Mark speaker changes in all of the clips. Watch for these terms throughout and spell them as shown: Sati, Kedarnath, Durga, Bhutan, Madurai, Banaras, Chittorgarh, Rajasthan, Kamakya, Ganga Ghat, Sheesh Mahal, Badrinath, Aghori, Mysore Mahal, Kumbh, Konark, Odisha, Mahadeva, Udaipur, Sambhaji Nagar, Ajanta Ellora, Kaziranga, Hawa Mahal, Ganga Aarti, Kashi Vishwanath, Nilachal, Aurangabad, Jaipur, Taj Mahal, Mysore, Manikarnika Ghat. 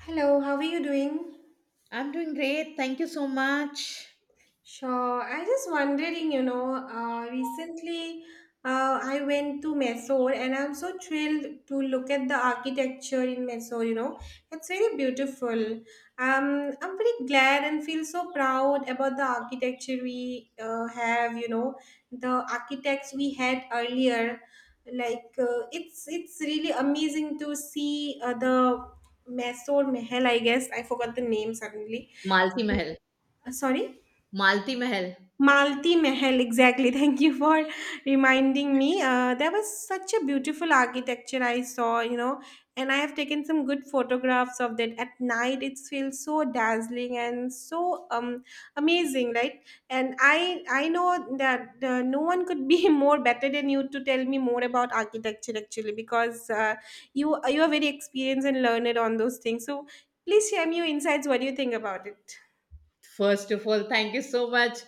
Speaker 1: Hello, how are you doing?
Speaker 2: I'm doing great. Thank you so much.
Speaker 1: Sure. I just wondering, recently I went to Mysore and I'm so thrilled to look at the architecture in Mysore, you know. It's very beautiful. I'm very glad and feel so proud about the architecture we have, you know, the architects we had earlier. Like it's really amazing to see the Mysore Mahal, I guess. I forgot the name suddenly.
Speaker 2: Malti Mahal.
Speaker 1: Sorry,
Speaker 2: Malti Mahal.
Speaker 1: malti mahal exactly. Thank you for reminding me. There was such a beautiful architecture I saw, you know, and I have taken some good photographs of that. At night it feels so dazzling and so amazing, right? And I know that no one could be more better than you to tell me more about architecture, actually, because you are very experienced and learned on those things, so please share me your insights. What do you think about it?
Speaker 2: First of all, thank you so much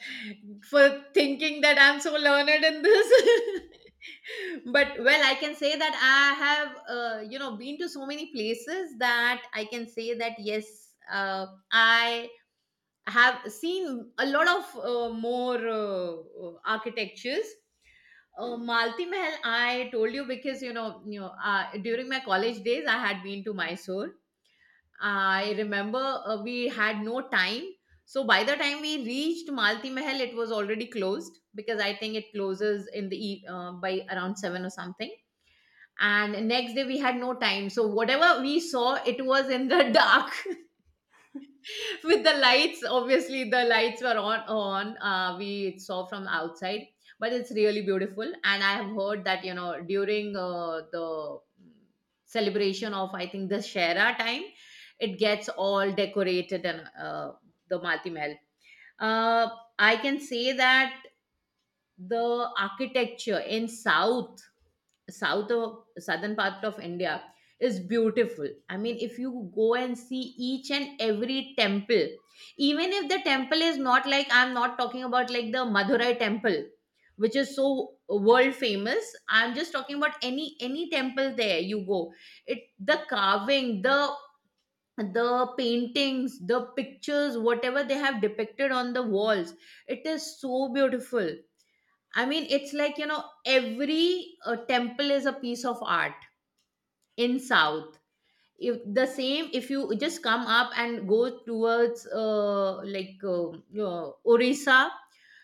Speaker 2: for thinking that I'm so learned in this. But well, I can say that I have, been to so many places that I can say that yes, I have seen a lot of more architectures. Malti Mahal, I told you because during my college days, I had been to Mysore. I remember we had no time, so by the time we reached Malti Mahal, it was already closed because I think it closes in the by around seven or something. And next day we had no time, so whatever we saw it was in the dark with the lights. Obviously the lights were on. We saw from outside, but it's really beautiful. And I have heard that during the celebration of, I think, the shera time, it gets all decorated. And the Malti Mahal, uh, I can say that the architecture in south of southern part of India is beautiful. I mean, if you go and see each and every temple, even if the temple is not like, I'm not talking about like the Madurai temple which is so world famous, I'm just talking about any temple. There you go, it, the carving, the paintings, the pictures, whatever they have depicted on the walls, it is so beautiful. I mean, it's like, every temple is a piece of art in South. If the same If you just come up and go towards like Orissa,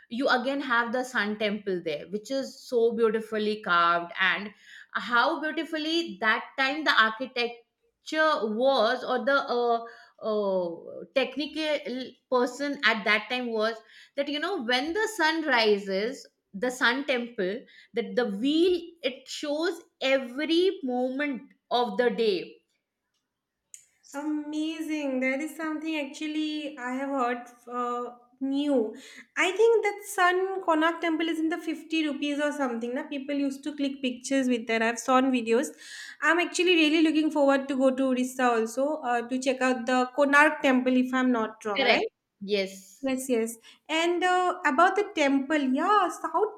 Speaker 2: you again have the Sun Temple there which is so beautifully carved. And how beautifully that time the architecture was, or the technical person at that time was, that when the sun rises, the Sun Temple, that the wheel, it shows every moment of the day.
Speaker 1: Amazing. That is something actually I have heard uh, new. I think that Sun Konark temple is in the 50 rupees or something. Na? People used to click pictures with that. I've seen videos. I'm actually really looking forward to go to Orissa also to check out the Konark temple, if I'm not wrong,
Speaker 2: Correct.
Speaker 1: right?
Speaker 2: Yes.
Speaker 1: Yes, yes. And about the temple, yeah, South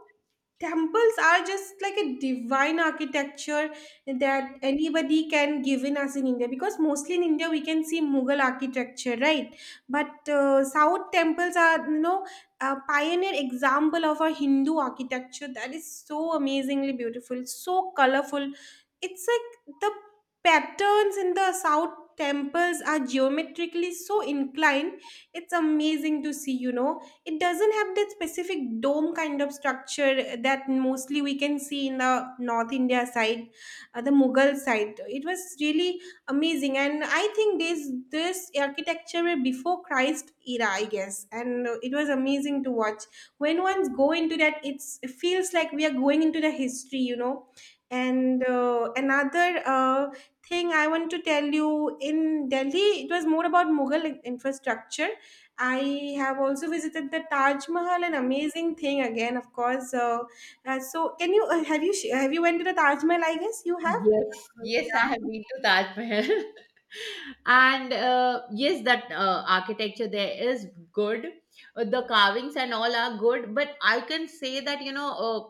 Speaker 1: temples are just like a divine architecture that anybody can give in us in India, because mostly in India we can see Mughal architecture, right? But South temples are, you know, a pioneer example of our Hindu architecture that is so amazingly beautiful, so colorful. It's like the patterns in the South temples are geometrically so inclined. It's amazing to see, you know. It doesn't have that specific dome kind of structure that mostly we can see in the North India side. The Mughal side, it was really amazing. And I think this architecture were before Christ era, I guess. And it was amazing to watch. When ones go into that, it's it feels like we are going into the history, you know. And another thing I want to tell you, in Delhi it was more about Mughal infrastructure. I have also visited the Taj Mahal, an amazing thing again, of course. So, can you have you went to the Taj Mahal? I guess you have.
Speaker 2: Yes. Yes, I have
Speaker 1: Yeah.
Speaker 2: been to Taj Mahal. And yes, that architecture there is good. The carvings and all are good, but I can say that, you know, uh,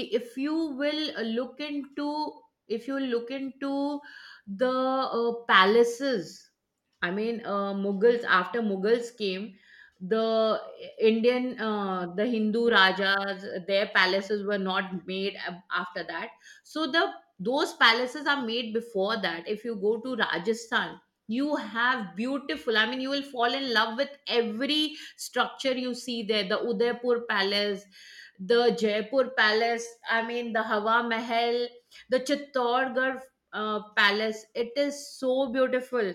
Speaker 2: i- if you will look into if you look into the palaces. I mean, mughals, after mughals came, the indian the hindu rajas, their palaces were not made after that. So the those palaces are made before that. If you go to Rajasthan, you have beautiful, I mean, you will fall in love with every structure you see there: the Udaipur Palace, the Jaipur Palace, I mean, the Hawa Mahal, the Chittorgarh Palace. It is so beautiful.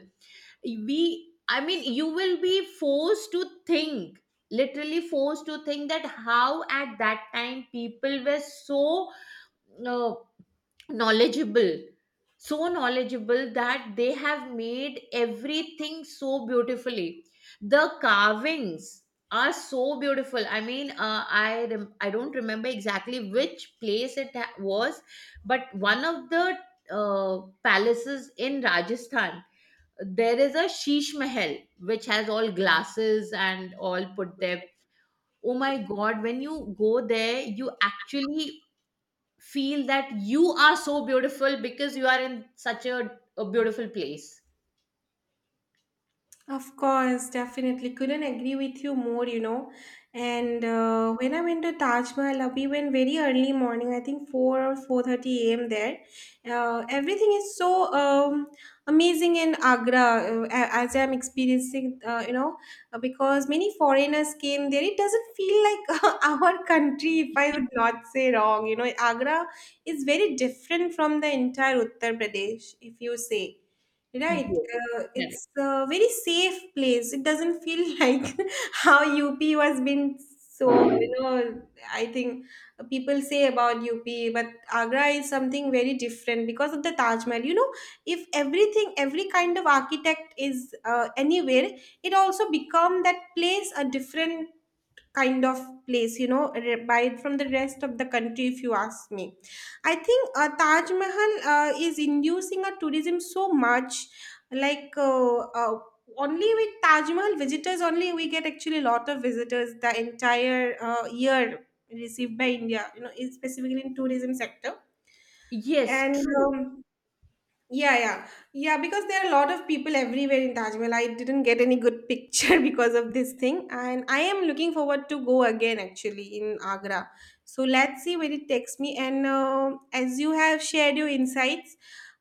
Speaker 2: We, I mean, you will be forced to think, literally forced to think that how at that time people were so. Uh, knowledgeable, so knowledgeable that they have made everything so beautifully. The carvings are so beautiful. I mean, I don't remember exactly which place it was, but one of the palaces in Rajasthan, there is a Sheesh Mahal which has all glasses and all put there. Oh my god, when you go there you actually feel that you are so beautiful because you are in such a beautiful place.
Speaker 1: Of course, definitely. Couldn't agree with you more, you know. And when I went to Taj Mahal, we went very early morning. I think 4 or 4:30 a.m. There, everything is so amazing in Agra, as I'm experiencing, you know, because many foreigners came there. It doesn't feel like our country, if I would not say wrong. You know, Agra is very different from the entire Uttar Pradesh, if you say. Right.
Speaker 2: Yes. Correct.
Speaker 1: It's a very safe place. It doesn't feel like how UP has been, so, you know, I think people say about UP, but Agra is something very different because of the Taj Mahal. You know, if everything, every kind of architect is anywhere, it also become that place a different kind of place, you know, buy it from the rest of the country, if you ask me. I think Taj Mahal is inducing a tourism so much, like uh, only with Taj Mahal visitors only we get actually a lot of visitors the entire year received by India, you know, specifically in tourism sector.
Speaker 2: Yes,
Speaker 1: And
Speaker 2: true.
Speaker 1: yeah, yeah. Yeah, because there are a lot of people everywhere in Taj Mahal. I didn't get any good picture because of this thing. And I am looking forward to go again actually in Agra. So let's see where it takes me. And as you have shared your insights,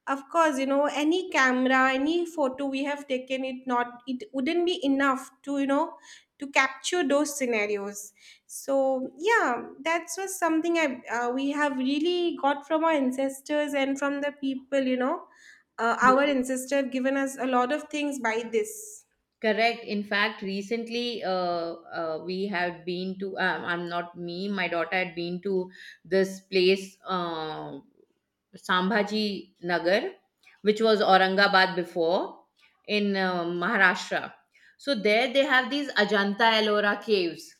Speaker 1: of course, you know, any camera, any photo we have taken it, not, it wouldn't be enough to, you know, to capture those scenarios. So yeah, that was something I we have really got from our ancestors and from the people, you know. Our ancestors have given us a lot of things by this.
Speaker 2: Correct. In fact, recently we have been to, I'm not me, my daughter had been to this place, Sambhaji Nagar, which was Aurangabad before, in Maharashtra. So there they have these Ajanta Ellora caves.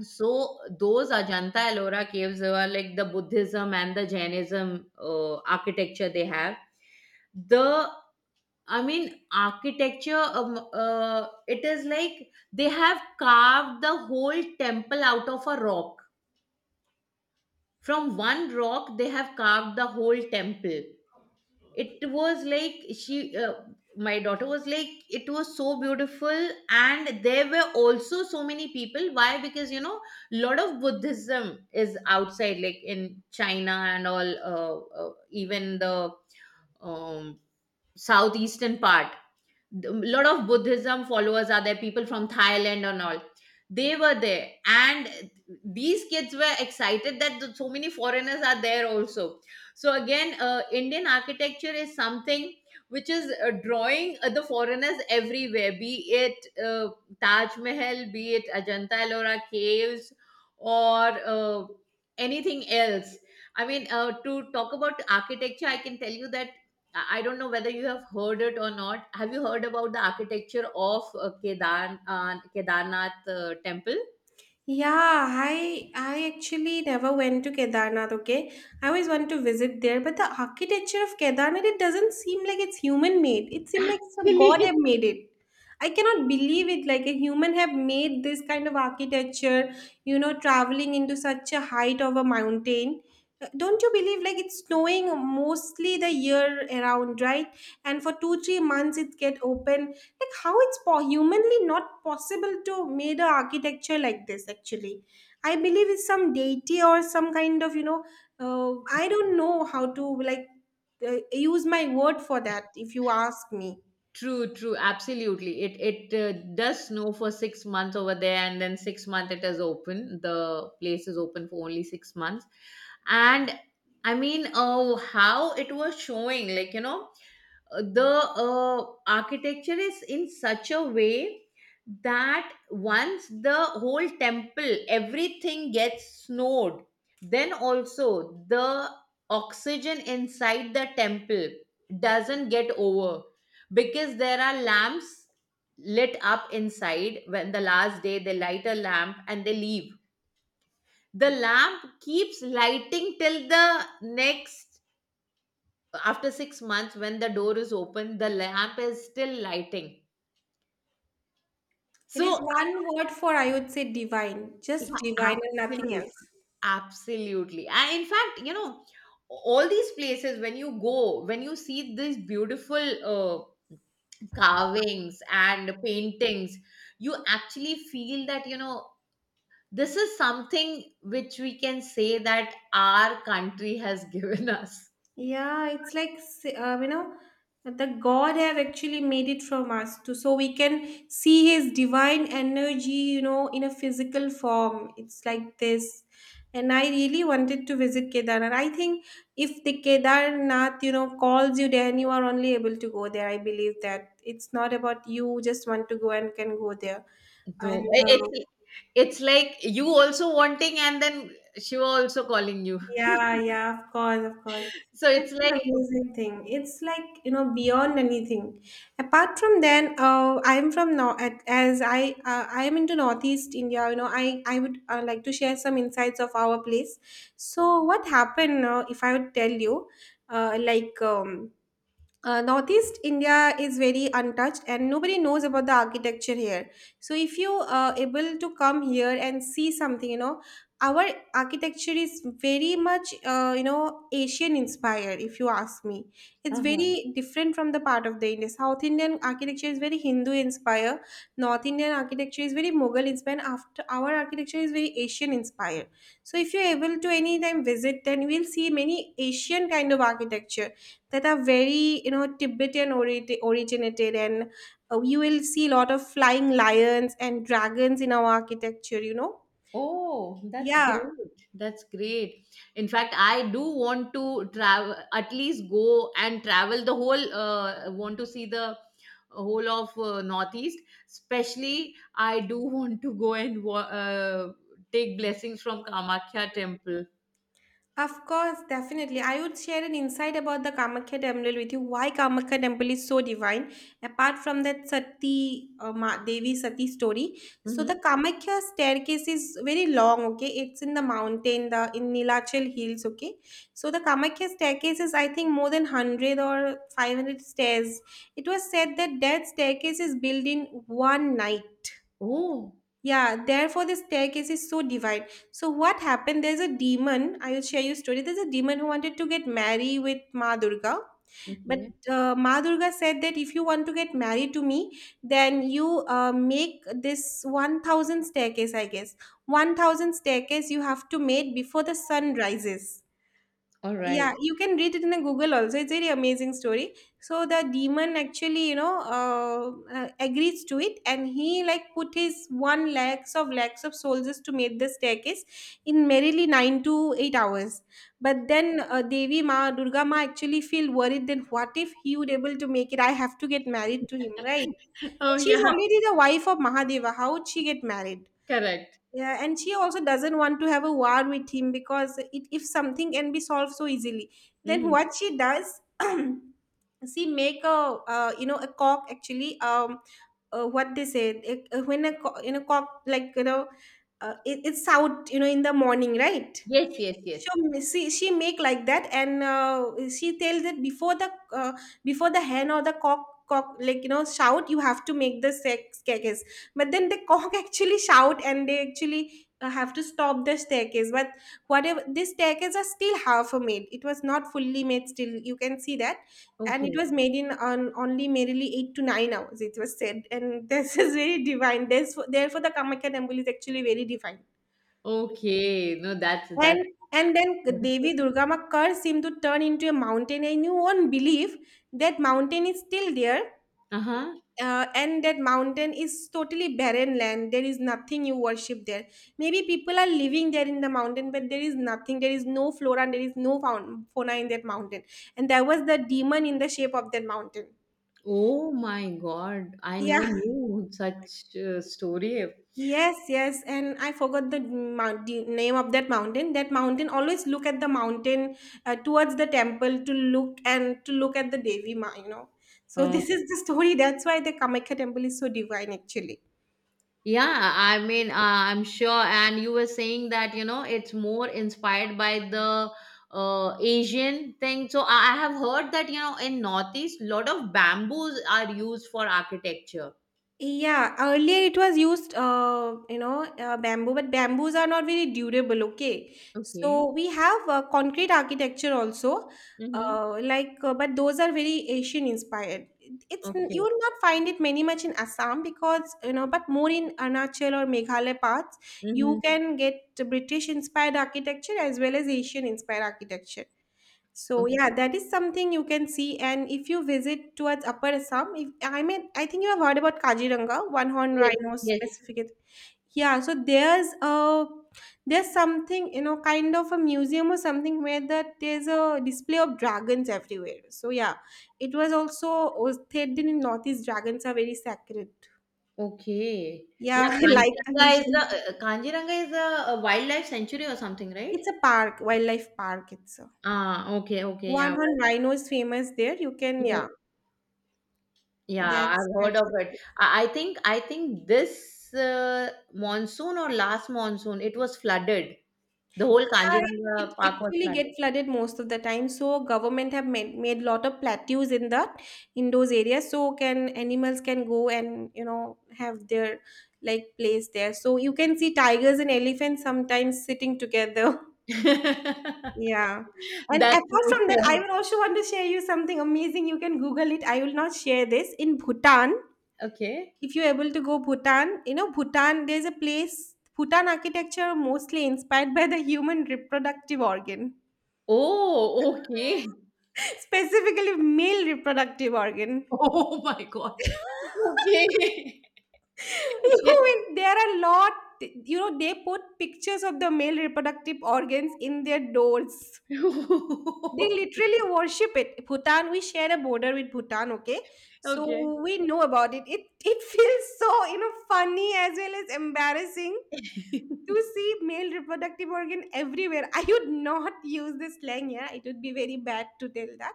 Speaker 2: So those Ajanta Ellora caves were like the Buddhism and the Jainism architecture they have. The I mean, architecture, it is like they have carved the whole temple out of a rock. From one rock they have carved the whole temple. It was like she my daughter was like it was so beautiful. And there were also so many people. Why? Because a lot of Buddhism is outside, like in China and all. Even the um, southeastern part, a lot of Buddhism followers are there, people from Thailand and all. They were there, and these kids were excited that so many foreigners are there also. So again, Indian architecture is something which is drawing the foreigners everywhere, be it Taj Mahal, be it Ajanta Ellora caves or uh, anything else. I mean, to talk about architecture I can tell you that I don't know whether you have heard it or not. Have you heard about the architecture of Kedarnath temple?
Speaker 1: Yeah, I actually never went to Kedarnath, okay? I always want to visit there, but the architecture of Kedarnath, it doesn't seem like it's human made. It seems like some
Speaker 2: Actually,
Speaker 1: god have made it. I cannot believe it, like a human have made this kind of architecture, you know, traveling into such a height of a mountain. Don't you believe like it's snowing mostly the year around, right? And for two, 3 months it get open. Like how it's humanly not possible to made a architecture like this, actually. I believe it's some deity or some kind of, you know, uh, I don't know how to, like, use my word for that, if you ask me.
Speaker 2: True, true, absolutely. It does snow for 6 months over there, and then 6 months it is open. The place is open for only 6 months, and I mean, oh, how it was showing, like The architecture is in such a way that once the whole temple, everything gets snowed, then also the oxygen inside the temple doesn't get over because there are lamps lit up inside. When the last day they light a lamp and they leave, the lamp keeps lighting till the next. After 6 months when the door is open, the lamp is still lighting.
Speaker 1: It is
Speaker 2: So
Speaker 1: one word, for I would say divine.
Speaker 2: yeah,
Speaker 1: Just divine and nothing
Speaker 2: absolutely,
Speaker 1: else.
Speaker 2: absolutely. And in fact, all these places when you go, when you see these beautiful uh, carvings and paintings, you actually feel that this is something which we can say that our country has given us.
Speaker 1: Yeah, it's like you know, the God have actually made it from us to, so we can see His divine energy, you know, in a physical form. It's like this, and I really wanted to visit Kedar. And I think if the Kedarnath, you know, calls you there, and you are only able to go there, I believe that it's not about you just want to go and can go there.
Speaker 2: No,
Speaker 1: And
Speaker 2: it- it's it's like you also wanting and then Shiva also calling you.
Speaker 1: yeah, yeah, of course, of course.
Speaker 2: So
Speaker 1: Such
Speaker 2: it's
Speaker 1: an
Speaker 2: like.
Speaker 1: amazing thing. It's like, you know, beyond anything. Apart from then, I'm from North, as I am into Northeast India, you know, I would like to share some insights of our place. So what happened, if I would tell you, uh, like, um, Northeast India is very untouched and nobody knows about the architecture here. So if you are able to come here and see something, you know, our architecture is very much you know, Asian inspired, if you ask me. It's
Speaker 2: Uh-huh.
Speaker 1: very different from the part of the India. South Indian architecture is very Hindu inspired, North Indian architecture is very Mughal inspired, after our architecture is very Asian inspired. So if you're able to anytime visit, then you will see many Asian kind of architecture that are very, you know, Tibetan originated. And you will see a lot of flying lions and dragons in our architecture, you know.
Speaker 2: Oh, that's
Speaker 1: Yeah.
Speaker 2: great. That's great. In fact, I do want to travel, at least go and travel the whole, want to see the whole of Northeast. Especially, I do want to go and take blessings from Kamakya temple.
Speaker 1: Of course, definitely. I would share an insight about the Kamakya temple with you. Why Kamakya temple is so divine, apart from that Sati Devi Sati story. So the
Speaker 2: Mm-hmm.
Speaker 1: Kamakya staircase is very long. Okay, it's in the mountain, the in Nilachal hills. Okay, so the Kamakya staircase is, I think, more than 100 or 500 stairs. It was said that that staircase is built in one night.
Speaker 2: Oh,
Speaker 1: Yeah, therefore the staircase is so divide. So what happened? There's a demon. I will share you story. There's a demon who wanted to get married with Ma Durga, but
Speaker 2: okay.
Speaker 1: Ma Durga said that if you want to get married to me, then you make this 1,000 staircase. I guess 1,000 staircase you have to make before the sun rises.
Speaker 2: All
Speaker 1: Yeah,
Speaker 2: right.
Speaker 1: you can read it in the Google also. It's a very amazing story. So the demon actually, you know, agrees to it, and he like put his one lakhs of soldiers to make the staircase in merely 9 to 8 hours. But then Devi Ma Durga Ma actually feel worried. Then what if he would able to make it? I have to get married to him, right?
Speaker 2: Oh,
Speaker 1: She's
Speaker 2: yeah,
Speaker 1: already the wife of Mahadeva. How would she get married?
Speaker 2: correct.
Speaker 1: Yeah, and she also doesn't want to have a war with him because it, if something can be solved so easily, then
Speaker 2: Hmm.
Speaker 1: what she does, she make a you know, a cock actually, what they say it, when a you know, cock like, you know, it's out, you know, in the morning, right?
Speaker 2: Yes, yes, yes.
Speaker 1: She make like that, and she tells that before the hen or the cock like, you know, shout, you have to make the sex staircase. But then the cock actually shout, and they actually have to stop the staircase. But whatever this staircase are still half a made, it was not fully made, still you can see that. And it
Speaker 2: Okay.
Speaker 1: was made in on only merely 8 to 9 hours, it was said, and this is very divine. There's therefore the Kamakya temple is actually very divine.
Speaker 2: Okay, no, that's
Speaker 1: And and then
Speaker 2: beautiful.
Speaker 1: Devi Durga Ma, curse him to turn into a mountain, and you won't believe that mountain is still there.
Speaker 2: Uh huh.
Speaker 1: And that mountain is totally barren land. There is nothing you worship there. Maybe people are living there in the mountain, but there is nothing. There is no flora and there is no fauna in that mountain. And that was the demon in the shape of that mountain.
Speaker 2: Oh my God, I never
Speaker 1: Yeah.
Speaker 2: knew such a story.
Speaker 1: Yes, yes, and I forgot the name of that mountain. That mountain always look at the mountain towards the temple to look and to look at the Devi Ma, you know. So
Speaker 2: Uh,
Speaker 1: this is the story. That's why the Kamakhya temple is so divine, actually.
Speaker 2: yeah, I mean, I'm sure. And you were saying that it's more inspired by the Asian thing. So I have heard that in Northeast, lot of bamboos are used for architecture.
Speaker 1: Yeah, earlier it was used, bamboo, but bamboos are not very durable, okay?
Speaker 2: Okay.
Speaker 1: So we have concrete architecture also,
Speaker 2: Mm-hmm.
Speaker 1: but those are very Asian inspired. It's you
Speaker 2: Okay.
Speaker 1: will not find it many much in Assam because, you know, but more in Arunachal or Meghalaya parts,
Speaker 2: Mm-hmm.
Speaker 1: you can get British inspired architecture as well as Asian inspired architecture. So yeah,
Speaker 2: Okay.
Speaker 1: that is something you can see. And if you visit towards Upper Assam, if I mean, I think you have heard about Kaziranga, one horn rhino
Speaker 2: Yes.
Speaker 1: specifically. Yeah, so there's something you know, kind of a museum or something where that there's a display of dragons everywhere. So yeah, it was also was said in Northeast dragons are very sacred.
Speaker 2: Okay.
Speaker 1: Yeah,
Speaker 2: Yeah,
Speaker 1: I like the
Speaker 2: Kanjiranga is the
Speaker 1: vision.
Speaker 2: Kaziranga is a wildlife sanctuary or something, right?
Speaker 1: It's a park, wildlife park. It's a
Speaker 2: Ah, okay, okay, yeah,
Speaker 1: one horn
Speaker 2: right.
Speaker 1: rhino is famous there. You can
Speaker 2: Yes.
Speaker 1: yeah,
Speaker 2: Yeah,
Speaker 1: that's
Speaker 2: I've heard
Speaker 1: that's.
Speaker 2: of it.
Speaker 1: What.
Speaker 2: I think this monsoon or last monsoon, it was flooded. The whole
Speaker 1: Yeah, it,
Speaker 2: Kanjiranga park
Speaker 1: it
Speaker 2: was
Speaker 1: actually
Speaker 2: flooded.
Speaker 1: get flooded most of the time. So government have made, made lot of plateaus in that in those areas. So can animals can go and you know have their like place there. So you can see tigers and elephants sometimes sitting together. Yeah. And
Speaker 2: That's
Speaker 1: apart from that, I
Speaker 2: nature.
Speaker 1: will also want to share you something amazing. You can Google it. I will not share this. In Bhutan,
Speaker 2: Okay.
Speaker 1: if you're able to go Bhutan, you know, Bhutan, there's a place, Bhutan architecture mostly inspired by the human reproductive organ.
Speaker 2: Oh, okay.
Speaker 1: Specifically, male reproductive organ.
Speaker 2: Oh my God. Okay.
Speaker 1: You mean, there are lot, you know, they put pictures of the male reproductive organs in their doors.
Speaker 2: It,
Speaker 1: They literally worship it. Bhutan, we share a border with Bhutan, okay?
Speaker 2: Okay.
Speaker 1: So we know about it. It feels so, you know, funny as well as embarrassing to see male reproductive organ everywhere. I would not use this slang. Yeah, it would be very bad to tell that.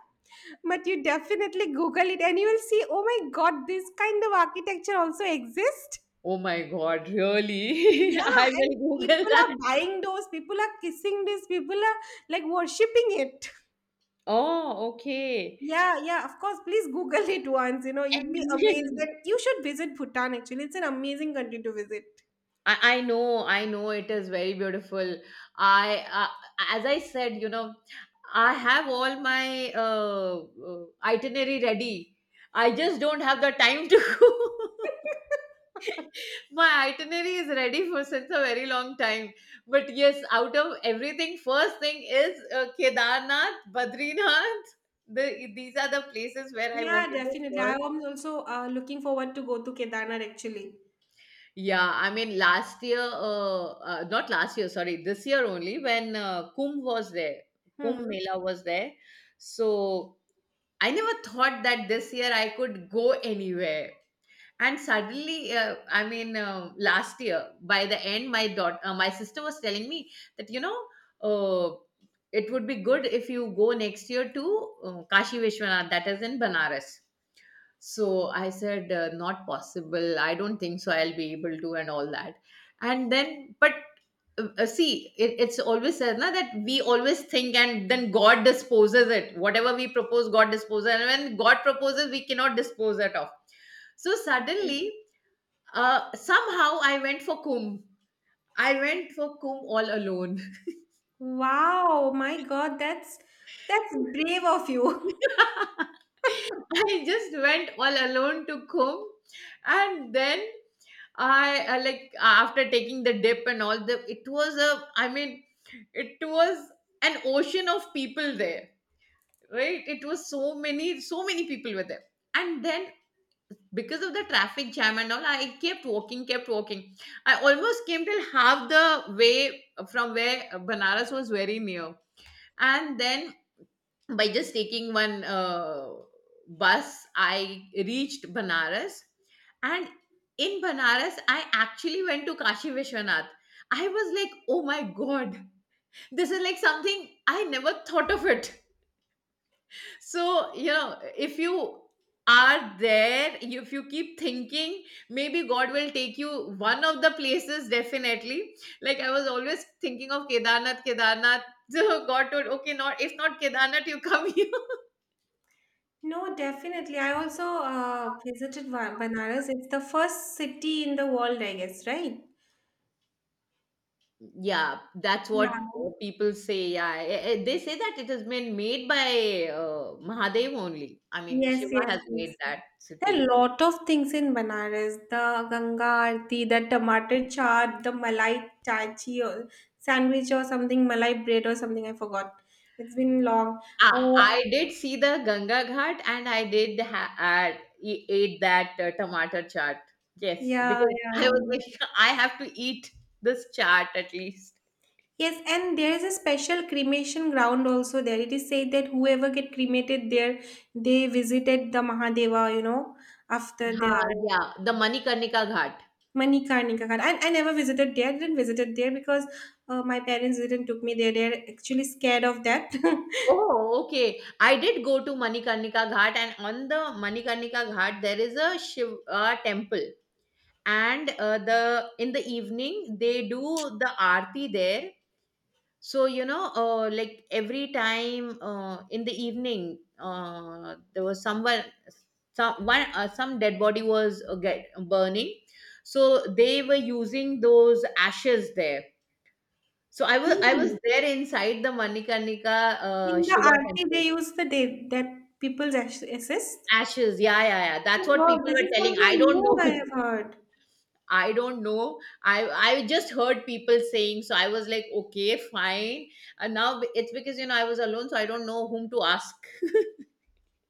Speaker 1: But you definitely Google it and you will see, oh my God, this kind of architecture also exists.
Speaker 2: Oh my god, really?
Speaker 1: Yeah,
Speaker 2: I
Speaker 1: and
Speaker 2: will Google
Speaker 1: people
Speaker 2: that.
Speaker 1: are buying those, people are kissing this, people are like worshipping it.
Speaker 2: Oh, okay.
Speaker 1: Yeah, yeah, of course. Please Google it once. You know, you'd
Speaker 2: And
Speaker 1: be amazed
Speaker 2: then-
Speaker 1: that you should visit Bhutan actually. It's an amazing country to visit.
Speaker 2: I know, I know it is very beautiful. I, as I said, I have all my itinerary ready. I just don't have the time to go. My itinerary is ready for since a very long time. But yes, out of everything, first thing is Kedarnath, Badrinath, the, these are the places where I want
Speaker 1: Yeah,
Speaker 2: to go
Speaker 1: definitely. I
Speaker 2: first.
Speaker 1: am also looking forward to go to Kedarnath actually.
Speaker 2: Yeah, I mean, last year, uh, not last year, sorry, this year only, when Kumbh was there, Kumbh
Speaker 1: Hmm.
Speaker 2: Mela was there. So I never thought that this year I could go anywhere. And suddenly, last year by the end, my daughter my sister was telling me that uh, it would be good if you go next year to Kashi Vishwanath that is in Banaras. So I said, not possible, I don't think so I'll be able to, and all that. And then, but see, it's always said, na, that we always think and then god disposes it. Whatever we propose, god disposes, and when god proposes we cannot dispose it of. So suddenly, somehow I went for Kumbh. I went for Kumbh all alone.
Speaker 1: Wow, my God, that's brave of you.
Speaker 2: I just went all alone to Kumbh. And then, I, like, after taking the dip and all, the, it was a, I mean, it was an ocean of people there, right? It was so many, so many people were there. And then because of the traffic jam and all, I kept walking, kept walking. I almost came till half the way, from where Banaras was very near. And then by just taking one bus, I reached Banaras. And in Banaras I actually went to Kashi Vishwanath. I was like, oh my god, this is like something I never thought of it. So, if you are there, if you keep thinking, maybe God will take you one of the places, definitely. Like I was always thinking of Kedarnath, Kedarnath. So God told, okay, not if not Kedarnath, you come here.
Speaker 1: No, definitely. I also visited Banaras. It's the first city in the world, I guess, right?
Speaker 2: Yeah, that's
Speaker 1: Yeah.
Speaker 2: what people say. Yeah, they say that it has been made by Mahadev only. I mean,
Speaker 1: Yes,
Speaker 2: Shiva
Speaker 1: yes,
Speaker 2: has
Speaker 1: yes.
Speaker 2: made that
Speaker 1: There are a
Speaker 2: city.
Speaker 1: lot of things in Banaras. The Ganga Aarti, the tomato chaat, the malai chachi or sandwich or something, malai bread or something. I forgot. It's been long.
Speaker 2: I
Speaker 1: Oh,
Speaker 2: I did see the Ganga Ghat and I did ate that tomato chaat. Yes,
Speaker 1: yeah,
Speaker 2: because
Speaker 1: yeah,
Speaker 2: I was
Speaker 1: yeah.
Speaker 2: like, I have to eat this chaat at least.
Speaker 1: Yes, and there is a special cremation ground also there. It is said that whoever get cremated there, they visited the Mahadeva, you know, after
Speaker 2: Ha,
Speaker 1: their
Speaker 2: yeah, the Manikarnika Ghat.
Speaker 1: Manikarnika. Ghat. I never visited there. I didn't visited there because my parents didn't took me there. They're actually scared of that.
Speaker 2: Oh, okay. I did go to Manikarnika Ghat, and on the Manikarnika Ghat, there is a Shiv temple. And the in the evening they do the aarti there. So like every time, in the evening, there was someone some one some dead body was, get, burning. So they were using those ashes there. So I was
Speaker 1: Really?
Speaker 2: there inside the Manikarnika
Speaker 1: In the
Speaker 2: Shiva
Speaker 1: RT,
Speaker 2: temple.
Speaker 1: they use the day that people's assist.
Speaker 2: Ashes, yeah, yeah, yeah,
Speaker 1: Oh,
Speaker 2: that's what
Speaker 1: wow,
Speaker 2: people
Speaker 1: this
Speaker 2: were
Speaker 1: is
Speaker 2: telling. I
Speaker 1: something
Speaker 2: don't
Speaker 1: new
Speaker 2: know.
Speaker 1: I have heard.
Speaker 2: I don't know. I i just heard people saying, so I was like, okay, fine. And now it's because I was alone, so I don't know whom to ask.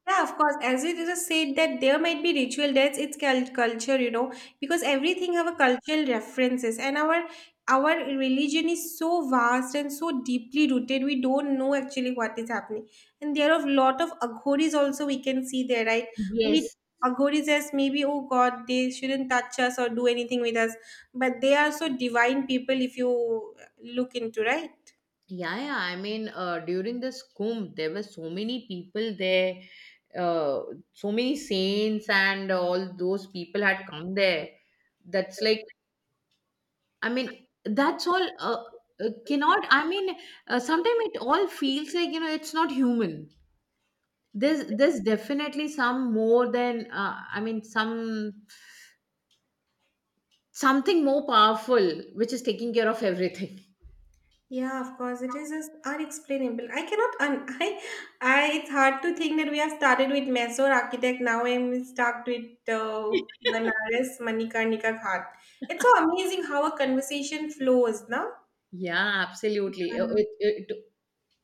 Speaker 1: Yeah, of course. As you just said that there might be ritual that's culture, you know, because everything have a cultural references and our religion is so vast and so deeply rooted. We don't know actually what is happening, and there are a lot of aghoris also we can see there, right? We
Speaker 2: Yes.
Speaker 1: aghoris as maybe oh God, they shouldn't touch us or do anything with us, but they are so divine people if you look into right.
Speaker 2: Yeah, yeah. I mean, during this Kumbh, there were so many people there, uh, so many saints and all those people had come there. That's like, I mean, that's all cannot, I mean, sometimes it all feels like, it's not human. There's definitely some more than, I mean, something more powerful which is taking care of everything.
Speaker 1: Yeah, of course, it is just unexplainable. I cannot un I it's hard to think that we have started with Mysore architect. Now I'm stuck with Banaras Manikarnika Ghat. It's so amazing how a conversation flows, no?
Speaker 2: Yeah, absolutely. Uh,
Speaker 1: Uh,
Speaker 2: It, it,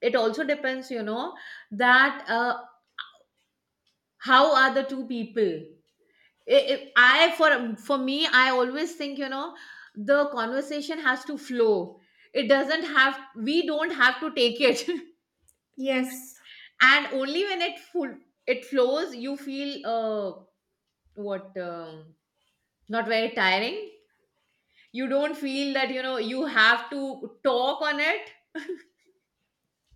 Speaker 2: it also depends that how are the two people. I for me I always think, the conversation has to flow. It doesn't have We don't have to take it.
Speaker 1: yes.
Speaker 2: And only when it full it flows you feel, what, not very tiring. You don't feel that you have to talk on it.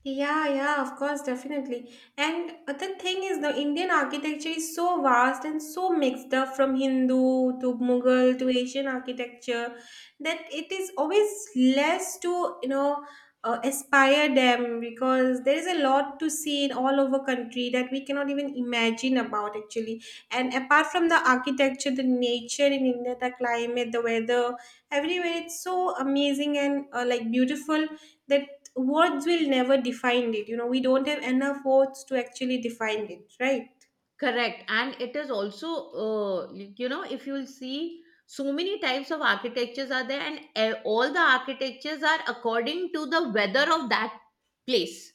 Speaker 1: Yeah, yeah, of course, definitely. And the thing is, the Indian architecture is so vast and so mixed up from Hindu to Mughal to Asian architecture that it is always less to, you know, aspire them because there is a lot to see in all over country that we cannot even imagine about actually. And apart from the architecture, the nature in India, the climate, the weather, everywhere it's so amazing and beautiful that words will never define it, you know, we don't have enough words to actually define it, right?
Speaker 2: Correct. And it is also, if you'll see, so many types of architectures are there. And all the architectures are according to the weather of that place.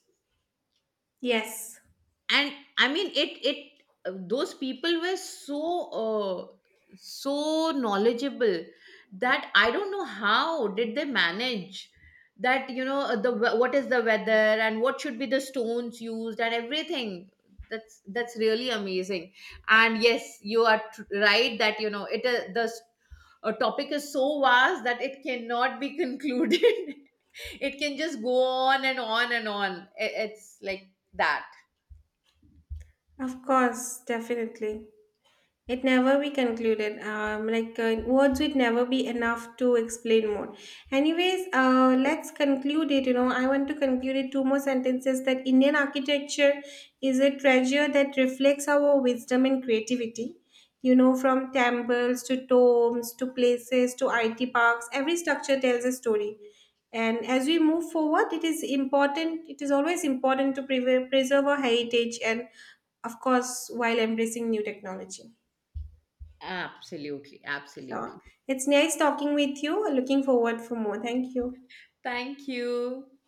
Speaker 1: Yes,
Speaker 2: And I mean, it those people were so, uh, so knowledgeable that I don't know how did they manage that. What is the weather, and what should be the stones used, and everything? That's really amazing. And yes, you are right that a topic is so vast that it cannot be concluded. It can just go on and on and on. It's like that.
Speaker 1: of course, definitely. It never be concluded. Words would never be enough to explain more. Anyways, let's conclude it. You know, I want to conclude it two more sentences that Indian architecture is a treasure that reflects our wisdom and creativity. You know, from temples to tombs to places to IT parks, every structure tells a story. And as we move forward, it is important. It is always important to preserve our heritage and, of course, while embracing new technology.
Speaker 2: Absolutely,
Speaker 1: Sure.
Speaker 2: absolutely.
Speaker 1: It's nice talking with you. Looking forward for more. Thank you.
Speaker 2: Thank you.